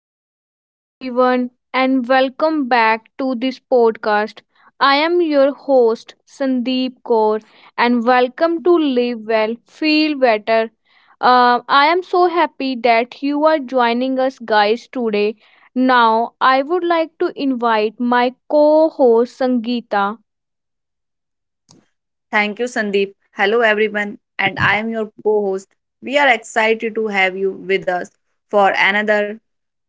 Hello, everyone, and welcome back to this podcast. I am your host, Sandeep Kaur, and welcome to Live Well, Feel Better. I am so happy that you are joining us, guys, today. Now, I would like to invite my co host, Sangeeta. Thank you, Sandeep. Hello, everyone, and I am your co host. We are excited to have you with us for another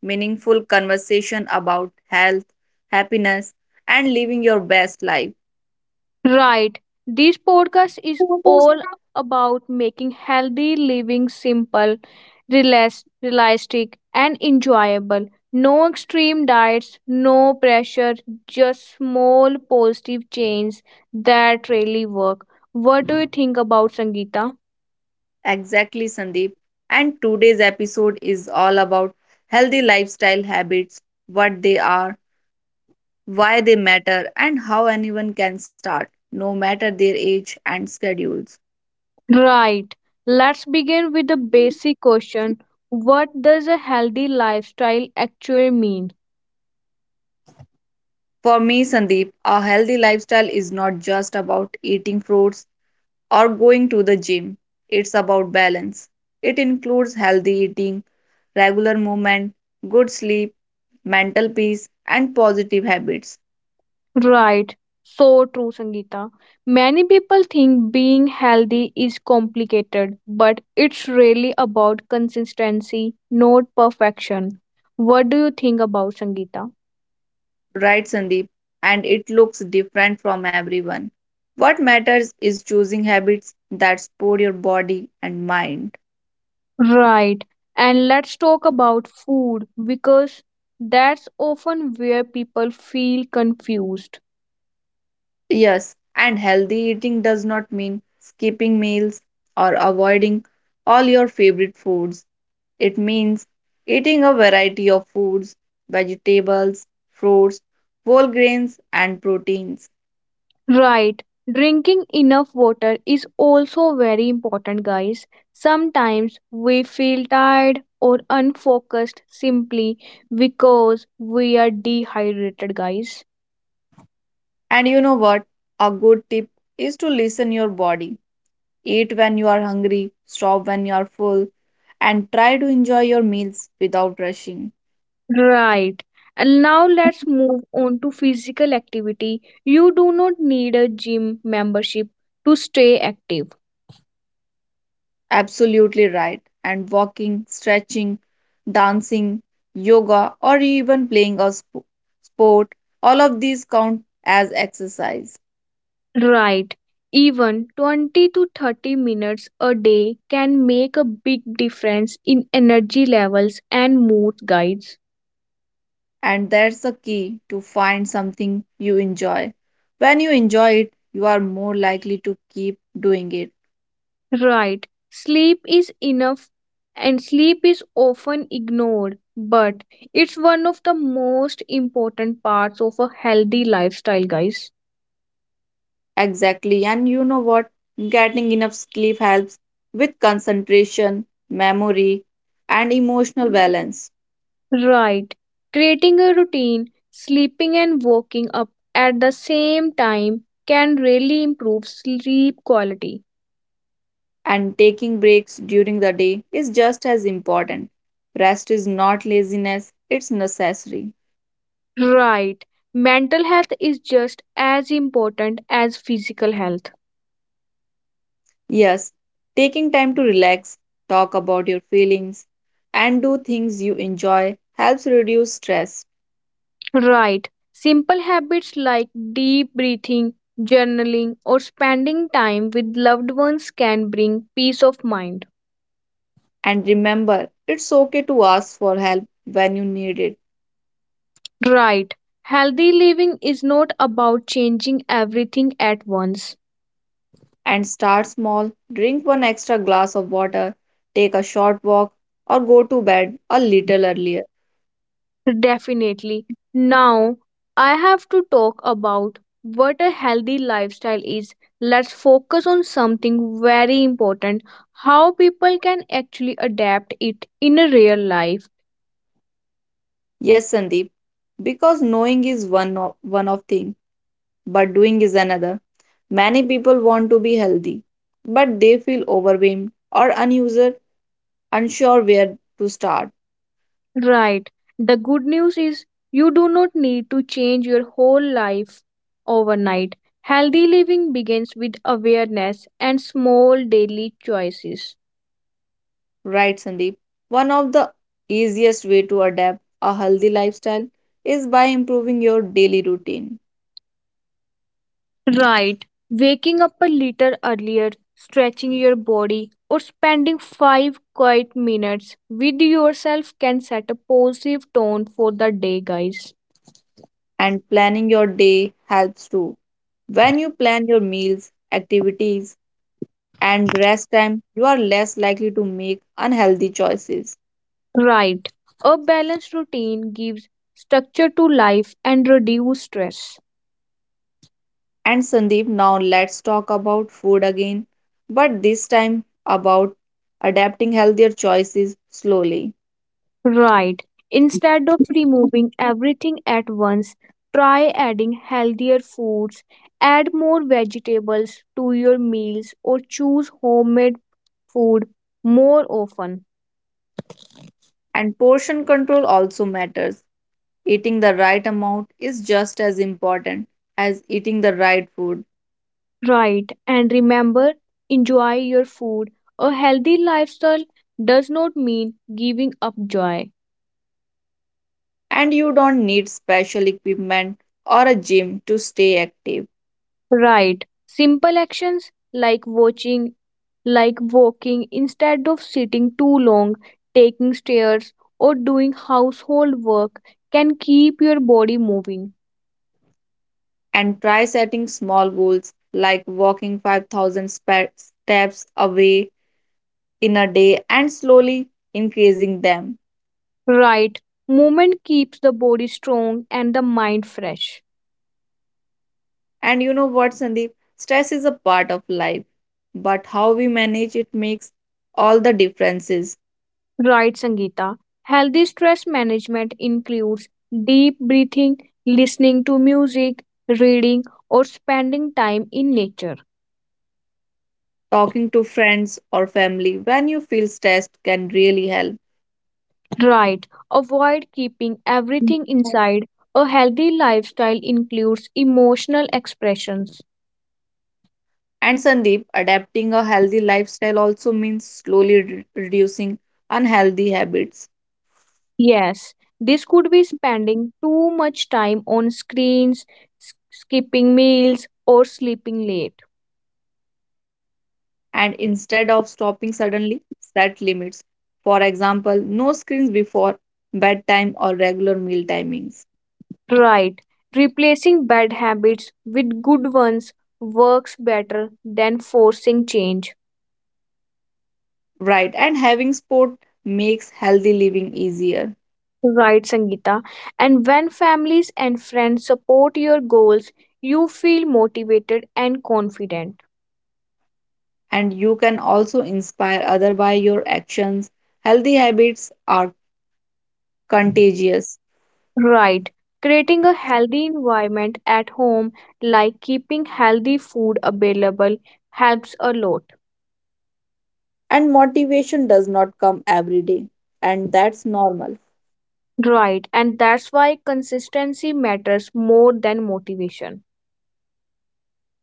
meaningful conversation about health, happiness, and living your best life. Right. This podcast is all about making healthy living simple, realistic, and enjoyable. No extreme diets, no pressure, just small positive changes that really work. What do you think about Sangeeta? Exactly, Sandeep. And today's episode is all about healthy lifestyle habits, what they are, why they matter, and how anyone can start, no matter their age and schedules. Right. Let's begin with the basic question. What does a healthy lifestyle actually mean? For me, Sandeep, a healthy lifestyle is not just about eating fruits or going to the gym. It's about balance. It includes healthy eating, regular movement, good sleep, mental peace, and positive habits. Right, so true, Sangeeta. Many people think being healthy is complicated, but it's really about consistency, not perfection. What do you think about Sangeeta? Right, Sandeep? And it looks different from everyone. What matters is choosing habits that support your body and mind. Right, and let's talk about food because that's often where people feel confused. Yes, and healthy eating does not mean skipping meals or avoiding all your favorite foods. It means eating a variety of foods, vegetables, fruits, whole grains, and proteins. Right. Drinking enough water is also very important, guys. Sometimes we feel tired or unfocused simply because we are dehydrated, guys. And you know what? A good tip is to listen your body. Eat when you are hungry, stop when you are full, and try to enjoy your meals without rushing. Right. And now let's move on to physical activity. You do not need a gym membership to stay active. Absolutely right. And walking, stretching, dancing, yoga, or even playing a sport, all of these count as exercise. Right. Even 20 to 30 minutes a day can make a big difference in energy levels and mood guides. And that's the key to find something you enjoy. When you enjoy it, you are more likely to keep doing it. Right. Sleep is enough and sleep is often ignored, but it's one of the most important parts of a healthy lifestyle, guys. Exactly. And you know what? Getting enough sleep helps with concentration, memory, and emotional balance. Right. Creating a routine, sleeping and waking up at the same time can really improve sleep quality. And taking breaks during the day is just as important. Rest is not laziness, it's necessary. Right. Mental health is just as important as physical health. Yes, taking time to relax, talk about your feelings, and do things you enjoy helps reduce stress. Right. Simple habits like deep breathing, journaling, or spending time with loved ones can bring peace of mind. And remember, it's okay to ask for help when you need it. Right. Healthy living is not about changing everything at once. And start small, drink one extra glass of water, take a short walk, or go to bed a little earlier. Definitely. Now, I have to talk about what a healthy lifestyle is. Let's focus on something very important. How people can actually adapt it in a real life. Yes, Sandeep, because knowing is one of thing, but doing is another. Many people want to be healthy, but they feel overwhelmed or unusual unsure where to start. Right. The good news is you do not need to change your whole life overnight. Healthy living begins with awareness and small daily choices. Right, Sandeep. One of the easiest way to adapt a healthy lifestyle is by improving your daily routine, Right. Waking up a little earlier, stretching your body, or spending 5 quiet minutes with yourself can set a positive tone for the day, guys. and planning your day helps too. When you plan your meals, activities, and rest time, you are less likely to make unhealthy choices. Right. A balanced routine gives structure to life and reduce stress. And Sandeep, now let's talk about food again, but this time about adapting healthier choices slowly. Right. Instead of removing everything at once, try adding healthier foods, add more vegetables to your meals, or choose homemade food more often. And portion control also matters. Eating the right amount is just as important as eating the right food, Right, and remember, enjoy your food. A healthy lifestyle does not mean giving up joy. and you don't need special equipment or a gym to stay active. Right, simple actions like watching, like walking instead of sitting too long, taking stairs, or doing household work can keep your body moving. And try setting small goals like walking 5,000 steps away in a day and slowly increasing them. Right, movement keeps the body strong and the mind fresh. And you know what, Sandeep? Stress is a part of life, but how we manage it makes all the differences. Right, Sangeeta. Healthy stress management includes deep breathing, listening to music, reading, or spending time in nature. Talking to friends or family when you feel stressed can really help. Right, avoid keeping everything inside. A healthy lifestyle includes emotional expressions. And Sandeep, adapting a healthy lifestyle also means slowly reducing unhealthy habits, Yes, this could be spending too much time on screens, skipping meals, or sleeping late. and instead of stopping suddenly, set limits. For example, no screens before bedtime or regular meal timings. Right. Replacing bad habits with good ones works better than forcing change. Right, and having sport makes healthy living easier. Right, Sangeeta. And when families and friends support your goals, you feel motivated and confident. And you can also inspire other by your actions. Healthy habits are contagious, Right. Creating a healthy environment at home, like keeping healthy food available, helps a lot. and motivation does not come every day, and that's normal. Right. And that's why consistency matters more than motivation.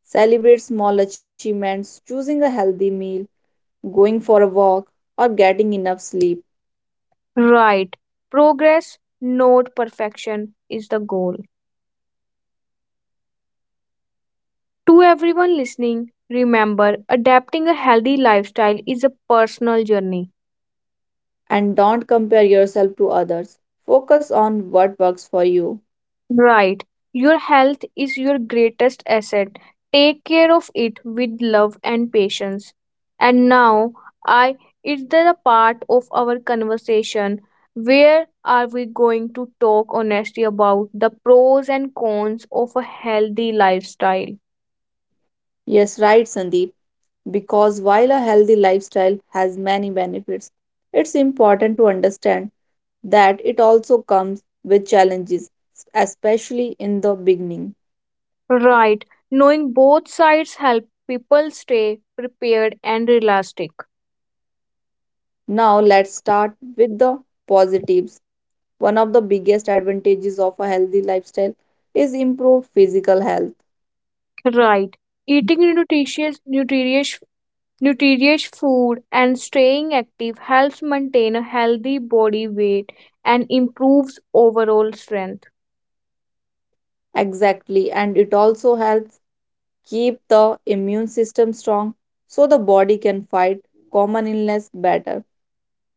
Celebrate small achievements, choosing a healthy meal, going for a walk, or getting enough sleep. Right. Progress, not perfection, is the goal. To everyone listening, remember adapting a healthy lifestyle is a personal journey. And don't compare yourself to others. Focus on what works for you. Right. Your health is your greatest asset. Take care of it with love and patience. And now, I is there a part of our conversation where are we going to talk honestly about the pros and cons of a healthy lifestyle? Yes, right, Sandeep. Because while a healthy lifestyle has many benefits, it's important to understand that it also comes with challenges, especially in the beginning. Right. Knowing both sides help people stay prepared and realistic. Now, let's start with the positives. One of the biggest advantages of a healthy lifestyle is improved physical health. Right. Eating nutritious food and staying active helps maintain a healthy body weight and improves overall strength. Exactly, and it also helps keep the immune system strong so the body can fight common illness better.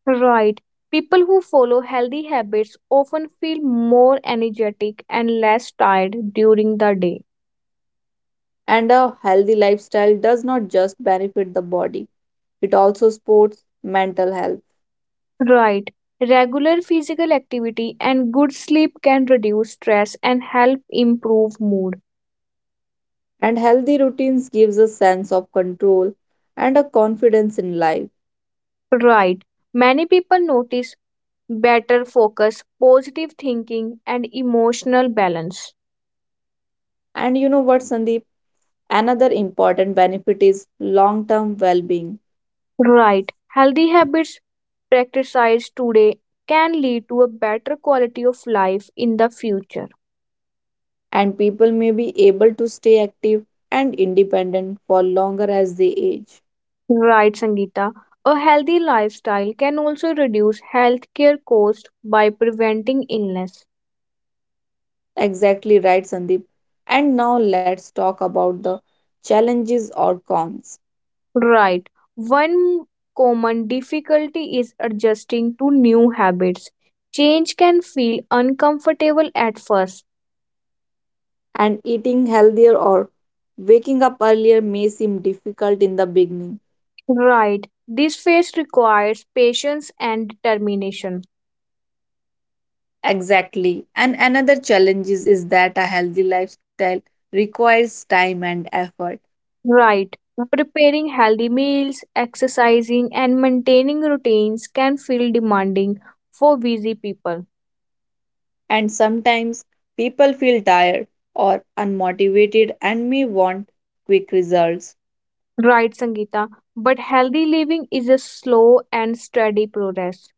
Right. People who follow healthy habits often feel more energetic and less tired during the day. And a healthy lifestyle does not just benefit the body, it also supports mental health. Right. Regular physical activity and good sleep can reduce stress and help improve mood. And healthy routines gives a sense of control and a confidence in life. Right. Many people notice better focus, positive thinking, and emotional balance. And you know what, Sandeep? Another important benefit is long-term well-being. Right. Healthy habits practiced today can lead to a better quality of life in the future. And people may be able to stay active and independent for longer as they age. Right, Sangeeta. A healthy lifestyle can also reduce healthcare costs by preventing illness. Exactly right, Sandeep. And now let's talk about the challenges or cons. Right. One common difficulty is adjusting to new habits. Change can feel uncomfortable at first. And eating healthier or waking up earlier may seem difficult in the beginning. Right. This phase requires patience and determination. Exactly. And another challenge is that a healthy lifestyle requires time and effort. Right. Preparing healthy meals, exercising, and maintaining routines can feel demanding for busy people. And sometimes people feel tired or unmotivated and may want quick results. Right, Sangeeta. But healthy living is a slow and steady progress.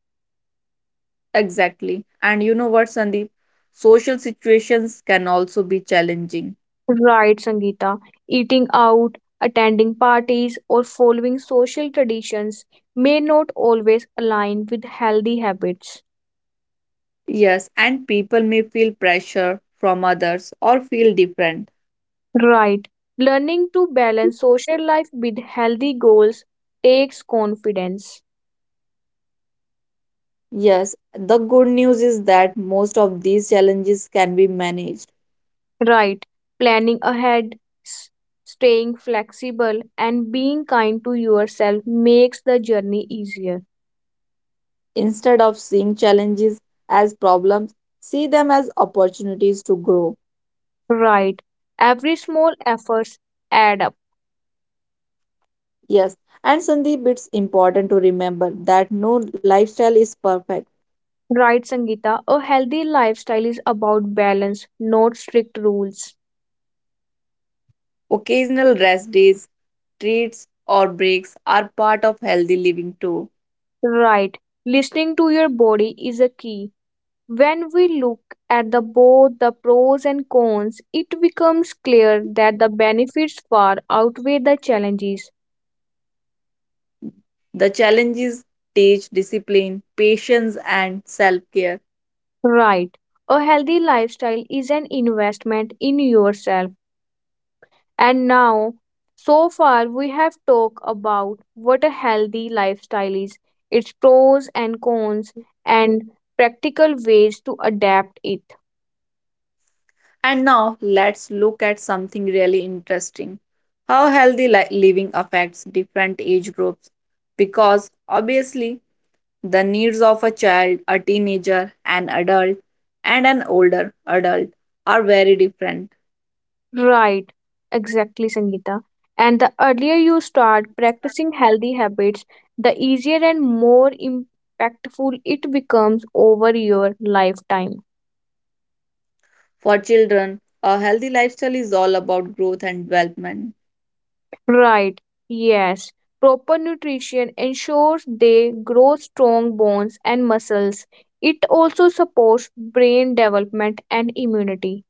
Exactly. And you know what, Sandeep? Social situations can also be challenging. Right, Sangeeta. Eating out, attending parties, or following social traditions may not always align with healthy habits. Yes, and people may feel pressure from others or feel different. Right. Learning to balance social life with healthy goals takes confidence. Yes, the good news is that most of these challenges can be managed. Right. Planning ahead, s- staying flexible, and being kind to yourself makes the journey easier. Instead of seeing challenges as problems, see them as opportunities to grow. Right. Every small effort adds up. Yes, and Sandeep, it's important to remember that no lifestyle is perfect. Right, Sangeeta. A healthy lifestyle is about balance, not strict rules. Occasional rest days, treats, or breaks are part of healthy living too. Right. Listening to your body is a key. When we look at the both the pros and cons, it becomes clear that the benefits far outweigh the challenges. The challenges teach discipline, patience, and self care. Right. A healthy lifestyle is an investment in yourself. And now, so far, we have talked about what a healthy lifestyle is, its pros and cons, and practical ways to adapt it. And now let's look at something really interesting: how healthy living affects different age groups. Because obviously, the needs of a child, a teenager, an adult, and an older adult are very different. Right, exactly, Sangeeta. And the earlier you start practicing healthy habits, the easier and more impactful it becomes over your lifetime. For children, a healthy lifestyle is all about growth and development, Right, yes. Proper nutrition ensures they grow strong bones and muscles. It also supports brain development and immunity.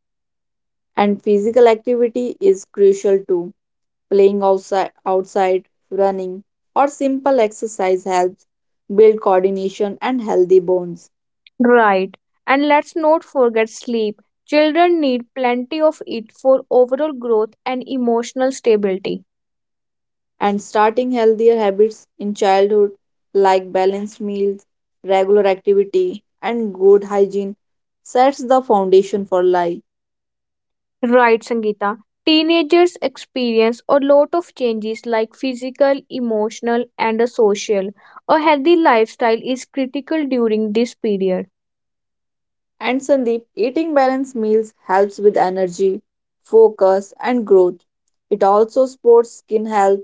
and physical activity is crucial too. Playing outside, running, or simple exercise helps build coordination and healthy bones. Right, and let's not forget sleep. Children need plenty of it for overall growth and emotional stability. And starting healthier habits in childhood, like balanced meals, regular activity, and good hygiene, sets the foundation for life. Right, Sangeeta. Teenagers experience a lot of changes like physical, emotional, and social. A healthy lifestyle is critical during this period. And Sandeep, eating balanced meals helps with energy, focus, and growth. It also supports skin health,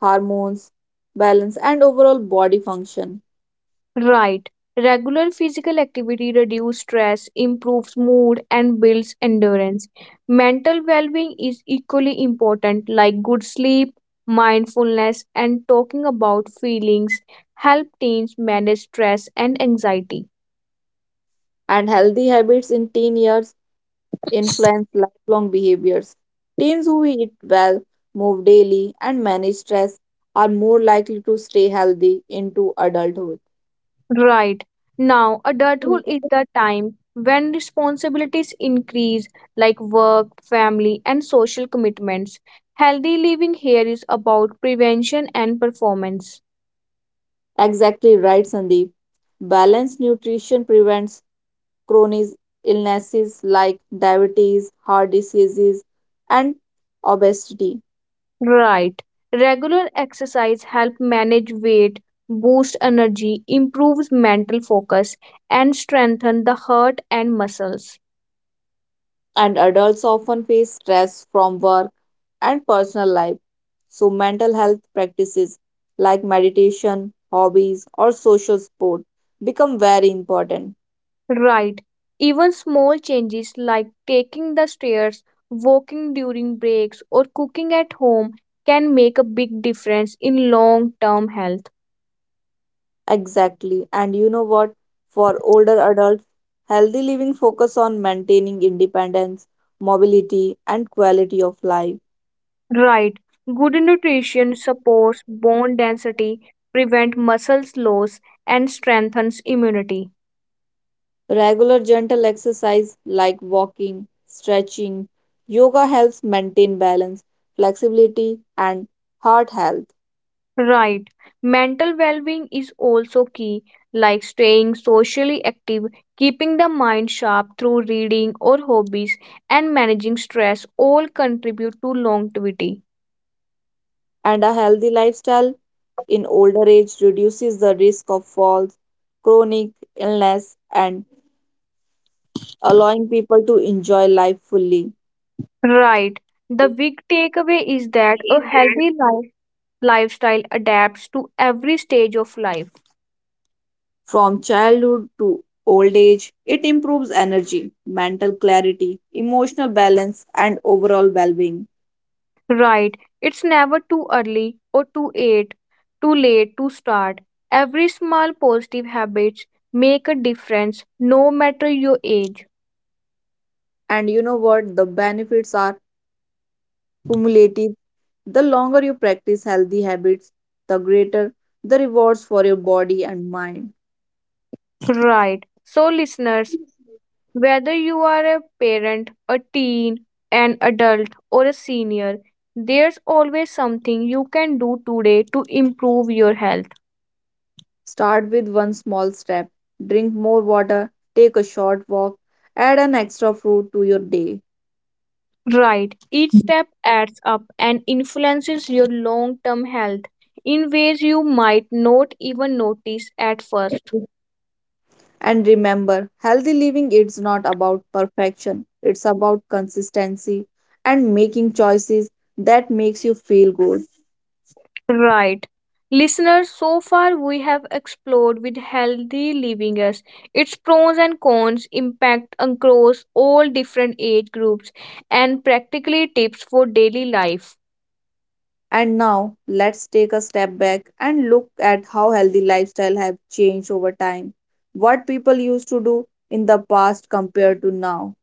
hormones, balance, and overall body function. Right. Regular physical activity reduces stress, improves mood, and builds endurance. Mental well being is equally important, like good sleep, mindfulness, and talking about feelings help teens manage stress and anxiety. And healthy habits in teen years influence lifelong behaviors. Teens who eat well, move daily, and manage stress are more likely to stay healthy into adulthood. Right. Now, adulthood is the time when responsibilities increase, like work, family, and social commitments. Healthy living here is about prevention and performance. Exactly right, Sandeep. Balanced nutrition prevents chronic illnesses like diabetes, heart diseases, and obesity. Right. Regular exercise help manage weight, boost energy, improves mental focus, and strengthen the heart and muscles. And adults often face stress from work and personal life. So, mental health practices like meditation, hobbies, or social support become very important. Right. Even small changes like taking the stairs, walking during breaks, or cooking at home can make a big difference in long-term health. Exactly. And you know what? For older adults, healthy living focus on maintaining independence, mobility, and quality of life. Right. Good nutrition supports bone density, prevent muscles loss, and strengthens immunity. Regular gentle exercise like walking, stretching, yoga helps maintain balance, flexibility, and heart health. Right. Mental well being is also key, like staying socially active, keeping the mind sharp through reading or hobbies, and managing stress all contribute to longevity. And a healthy lifestyle in older age reduces the risk of falls, chronic illness, and allowing people to enjoy life fully. Right. The big takeaway is that a healthy lifestyle adapts to every stage of life. From childhood to old age, it improves energy, mental clarity, emotional balance, and overall well being. Right. It's never too early or too late to start. Every small positive habits make a difference no matter your age. And you know what? The benefits are cumulative. The longer you practice healthy habits, the greater the rewards for your body and mind. Right. So, listeners, whether you are a parent, a teen, an adult, or a senior, there's always something you can do today to improve your health. Start with one small step. Drink more water, take a short walk, add an extra fruit to your day. Right. Each step adds up and influences your long term health in ways you might not even notice at first. And remember, healthy living is not about perfection. It's about consistency and making choices that makes you feel good. Right. Listeners, so far we have explored with healthy living us its pros and cons, impact across all different age groups, and practically tips for daily life. And now let's take a step back and look at how healthy lifestyle have changed over time. What people used to do in the past compared to now.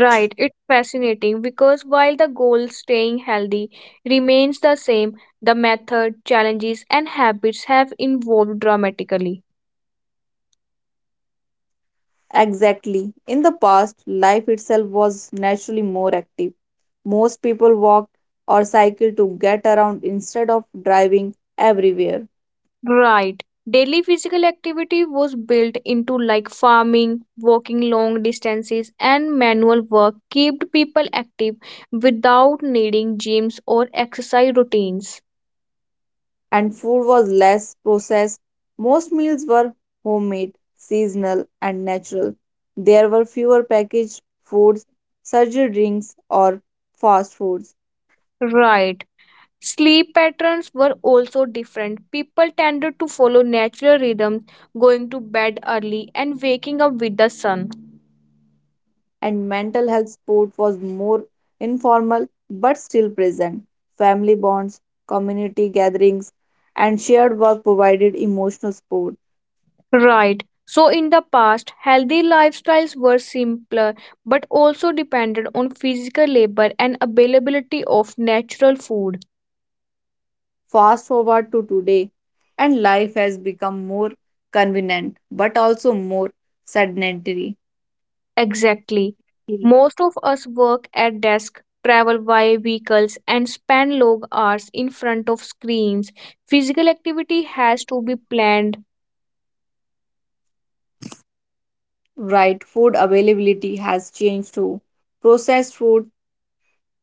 Right, it's fascinating because while the goal staying healthy remains the same, the method, challenges, and habits have evolved dramatically. Exactly. In the past, life itself was naturally more active. Most people walked or cycled to get around instead of driving everywhere. Right. Daily physical activity was built into like farming, walking long distances, and manual work kept people active without needing gyms or exercise routines. And food was less processed. Most meals were homemade, seasonal, and natural. There were fewer packaged foods, surgery drinks, or fast foods, Right. Sleep patterns were also different. People tended to follow natural rhythms, going to bed early and waking up with the sun. and mental health support was more informal but still present. Family bonds, community gatherings, and shared work provided emotional support. Right. So in the past, healthy lifestyles were simpler but also depended on physical labor and availability of natural food. Fast forward to today, and life has become more convenient but also more sedentary. Exactly. Most of us work at desk, travel via vehicles and spend long hours in front of screens. Physical activity has to be planned. Right, food availability has changed too. Processed food,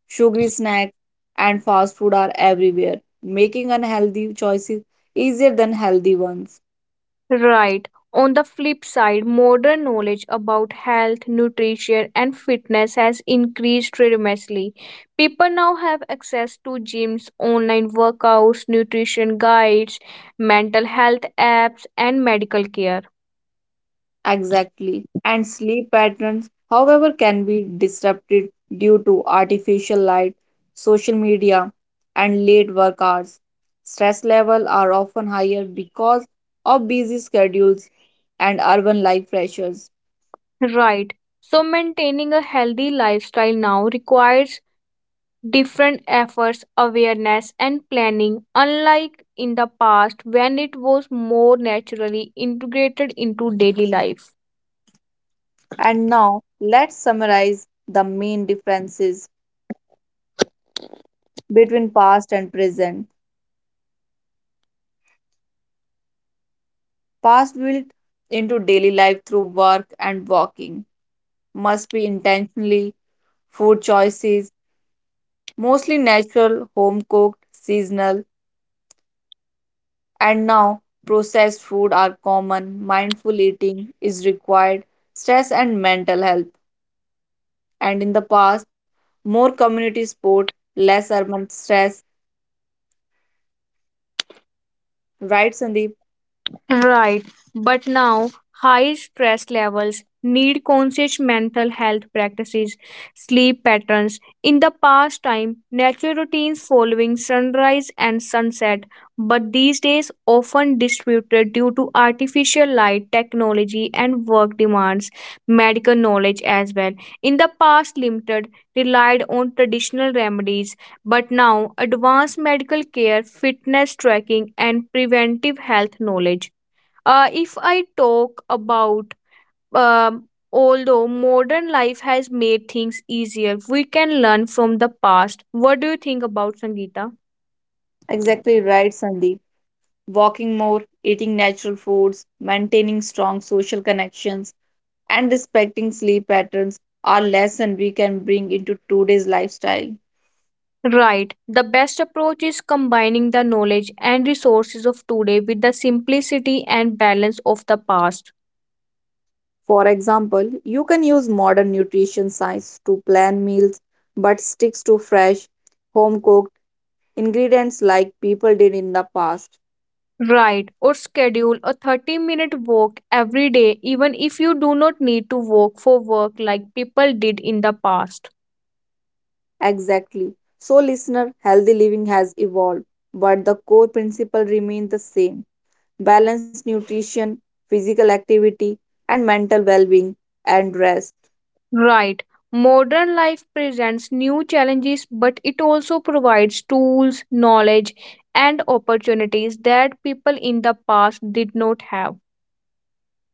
sugary snacks, and fast food are everywhere, making unhealthy choices easier than healthy ones. Right. On the flip side, modern knowledge about health, nutrition, and fitness has increased tremendously. People now have access to gyms, online workouts, nutrition guides, mental health apps, and medical care. Exactly. And sleep patterns, however, can be disrupted due to artificial light, social media, and late work hours. Stress levels are often higher because of busy schedules and urban life pressures. Right. So maintaining a healthy lifestyle now requires different efforts, awareness, and planning, unlike in the past when it was more naturally integrated into daily life. And now let's summarize the main differences between past and present. Past built into daily life through work and walking must be intentionally food choices, mostly natural, home cooked, seasonal, and now processed food are common. Mindful eating is required, stress and mental health. And in the past, more community sport, less urban stress. Right, Sandeep? Right, but now high stress levels need conscious mental health practices, sleep patterns. In the past time, natural routines following sunrise and sunset, but these days often disputed due to artificial light, technology, and work demands, medical knowledge as well. In the past, limited relied on traditional remedies, but now advanced medical care, fitness tracking, and preventive health knowledge. If I talk about, Although modern life has made things easier, we can learn from the past. What do you think about Sangeeta? Exactly right, Sandeep. Walking more, eating natural foods, maintaining strong social connections, and respecting sleep patterns are lessons we can bring into today's lifestyle. Right. The best approach is combining the knowledge and resources of today with the simplicity and balance of the past. For example, you can use modern nutrition science to plan meals but sticks to fresh, home cooked ingredients like people did in the past. Right. Or schedule a 30-minute walk every day, even if you do not need to walk for work like people did in the past. Exactly. So, listener, healthy living has evolved, but the core principle remains the same: balanced nutrition, physical activity, and mental well being and rest. Right. Modern life presents new challenges, but it also provides tools, knowledge, and opportunities that people in the past did not have.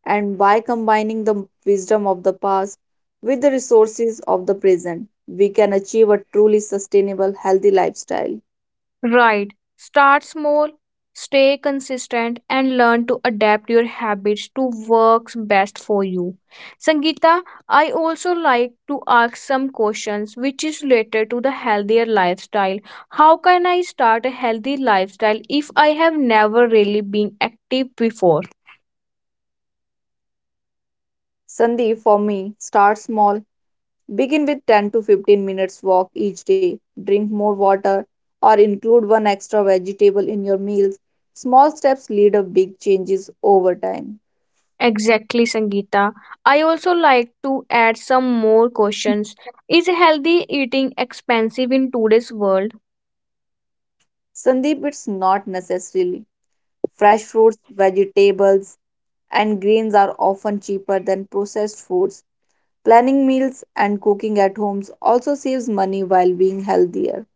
And by combining the wisdom of the past with the resources of the present, we can achieve a truly sustainable, healthy lifestyle. Right. Start small, stay consistent, and learn to adapt your habits to works best for you. Sangeeta, I also like to ask some questions which is related to the healthier lifestyle. How can I start a healthy lifestyle if I have never really been active before? Sandeep, for me, start small. Begin with 10 to 15 minutes walk each day. Drink more water or include one extra vegetable in your meals. Small steps lead to big changes over time. Exactly, Sangeeta. I also like to add some more questions. Is healthy eating expensive in today's world? Sandeep, it's not necessarily. Fresh fruits, vegetables, and grains are often cheaper than processed foods. Planning meals and cooking at home also saves money while being healthier.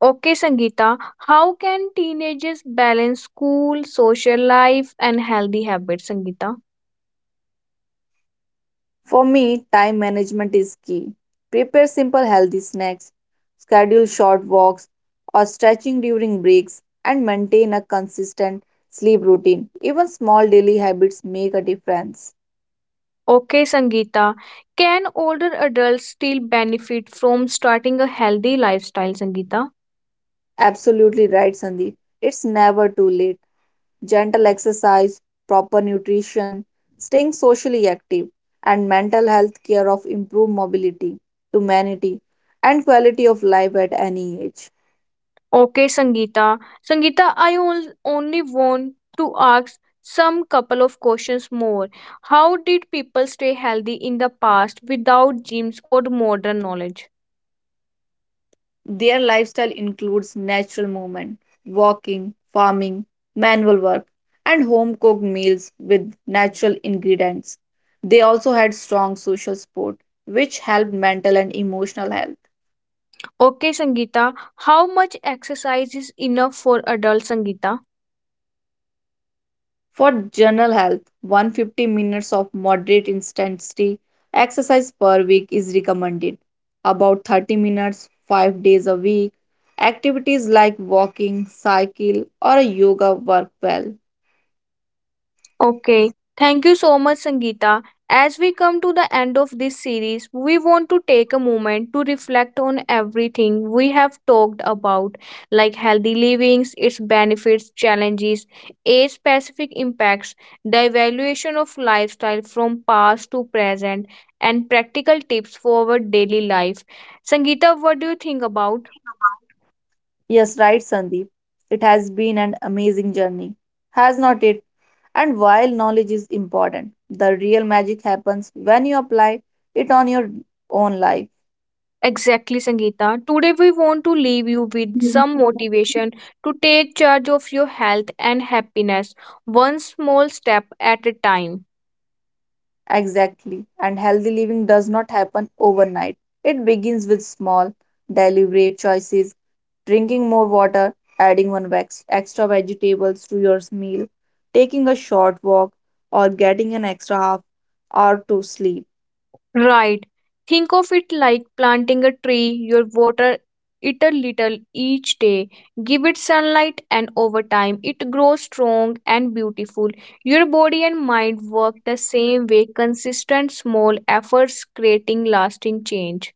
Okay, Sangeeta, how can teenagers balance school, social life, and healthy habits, Sangeeta? For me, time management is key. Prepare simple healthy snacks, schedule short walks or stretching during breaks, and maintain a consistent sleep routine. Even small daily habits make a difference. Okay, Sangeeta, can older adults still benefit from starting a healthy lifestyle, Sangeeta? Absolutely right, Sandeep. It's never too late. Gentle exercise, proper nutrition, staying socially active, and mental health care of improved mobility, humanity, and quality of life at any age. Okay, Sangeeta. Sangeeta, I only want to ask some couple of questions more. How did people stay healthy in the past without gyms or modern knowledge? Their lifestyle includes natural movement, walking, farming, manual work, and home cooked meals with natural ingredients. They also had strong social support, which helped mental and emotional health. Okay, Sangeeta, how much exercise is enough for adults, Sangeeta? For general health, 150 minutes of moderate intensity exercise per week is recommended. About 30 minutes 5 days a week. Activities like walking, cycle or yoga work well. Okay, thank you so much, Sangeeta. As we come to the end of this series, we want to take a moment to reflect on everything we have talked about, like healthy livings, its benefits, challenges, age specific impacts, the evaluation of lifestyle from past to present, and practical tips for our daily life. Sangeeta, what do you think about? Yes, right, Sandeep. It has been an amazing journey, has not it? And while knowledge is important, the real magic happens when you apply it on your own life. Exactly, Sangeeta. Today, we want to leave you with some motivation to take charge of your health and happiness one small step at a time. Exactly. And healthy living does not happen overnight. It begins with small, deliberate choices, drinking more water, adding one extra vegetables to your meal, taking a short walk, or getting an extra half hour to sleep. Right. Think of it like planting a tree. You water it a little each day, give it sunlight, and over time, it grows strong and beautiful. Your body and mind work the same way, consistent small efforts creating lasting change.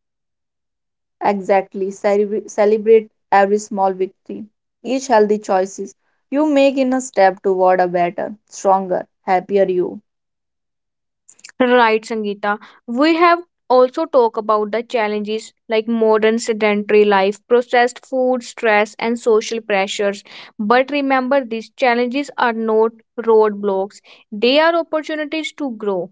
Exactly. Celebrate every small victory. Each healthy choices you make in a step toward a better, stronger, happier you. Right, Sangeeta. We have also talked about the challenges like modern sedentary life, processed food, stress, and social pressures. But remember, these challenges are not roadblocks, they are opportunities to grow.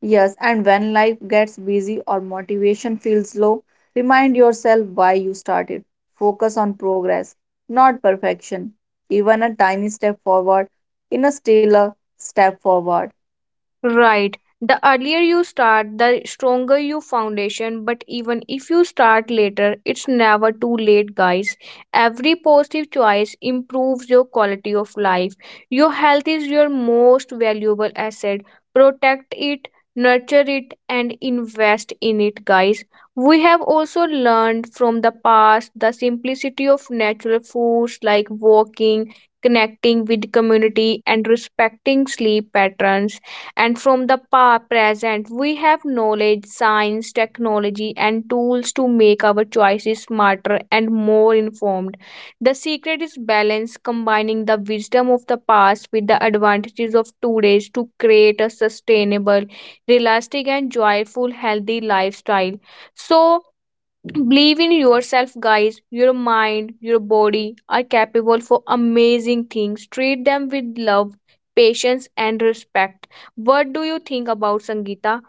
Yes, and when life gets busy or motivation feels low, remind yourself why you started. Focus on progress, not perfection. Even a tiny step forward in a still a step forward. Right. The earlier you start, the stronger your foundation. But even if you start later, it's never too late, guys. Every positive choice improves your quality of life. Your health is your most valuable asset. Protect it, nurture it, and invest in it, guys. We have also learned from the past the simplicity of natural foods like walking, connecting with community, and respecting sleep patterns, and from the present we have knowledge, science, technology, and tools to make our choices smarter and more informed. The secret is balance, combining the wisdom of the past with the advantages of today's to create a sustainable, realistic, and joyful healthy lifestyle. So believe in yourself, guys. Your mind, your body are capable for amazing things. Treat them with love, patience, and respect. What do you think about Sangeeta?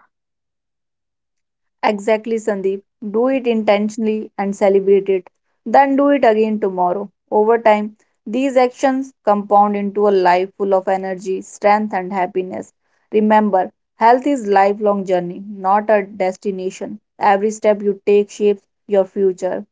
Exactly, Sandeep. Do it intentionally and celebrate it. Then do it again tomorrow. Over time, these actions compound into a life full of energy, strength, and happiness. Remember, health is lifelong journey, not a destination. Every step you take shapes your future.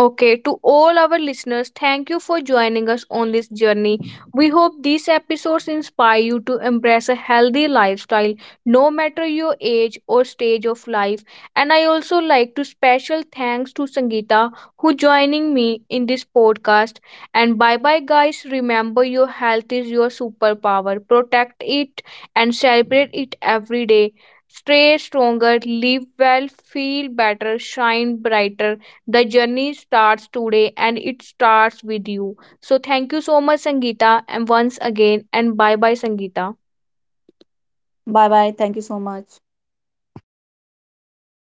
Okay, to all our listeners, thank you for joining us on this journey. We hope these episodes inspire you to embrace a healthy lifestyle, no matter your age or stage of life. And I also like to special thanks to Sangeeta who joining me in this podcast. And bye bye guys. Remember your health is your superpower. Protect it and celebrate it every day. Stay stronger, live well, feel better, shine brighter. The journey starts today and it starts with you. So thank you so much, Sangeeta, and once again, and bye bye, Sangeeta. Bye bye. Thank you so much.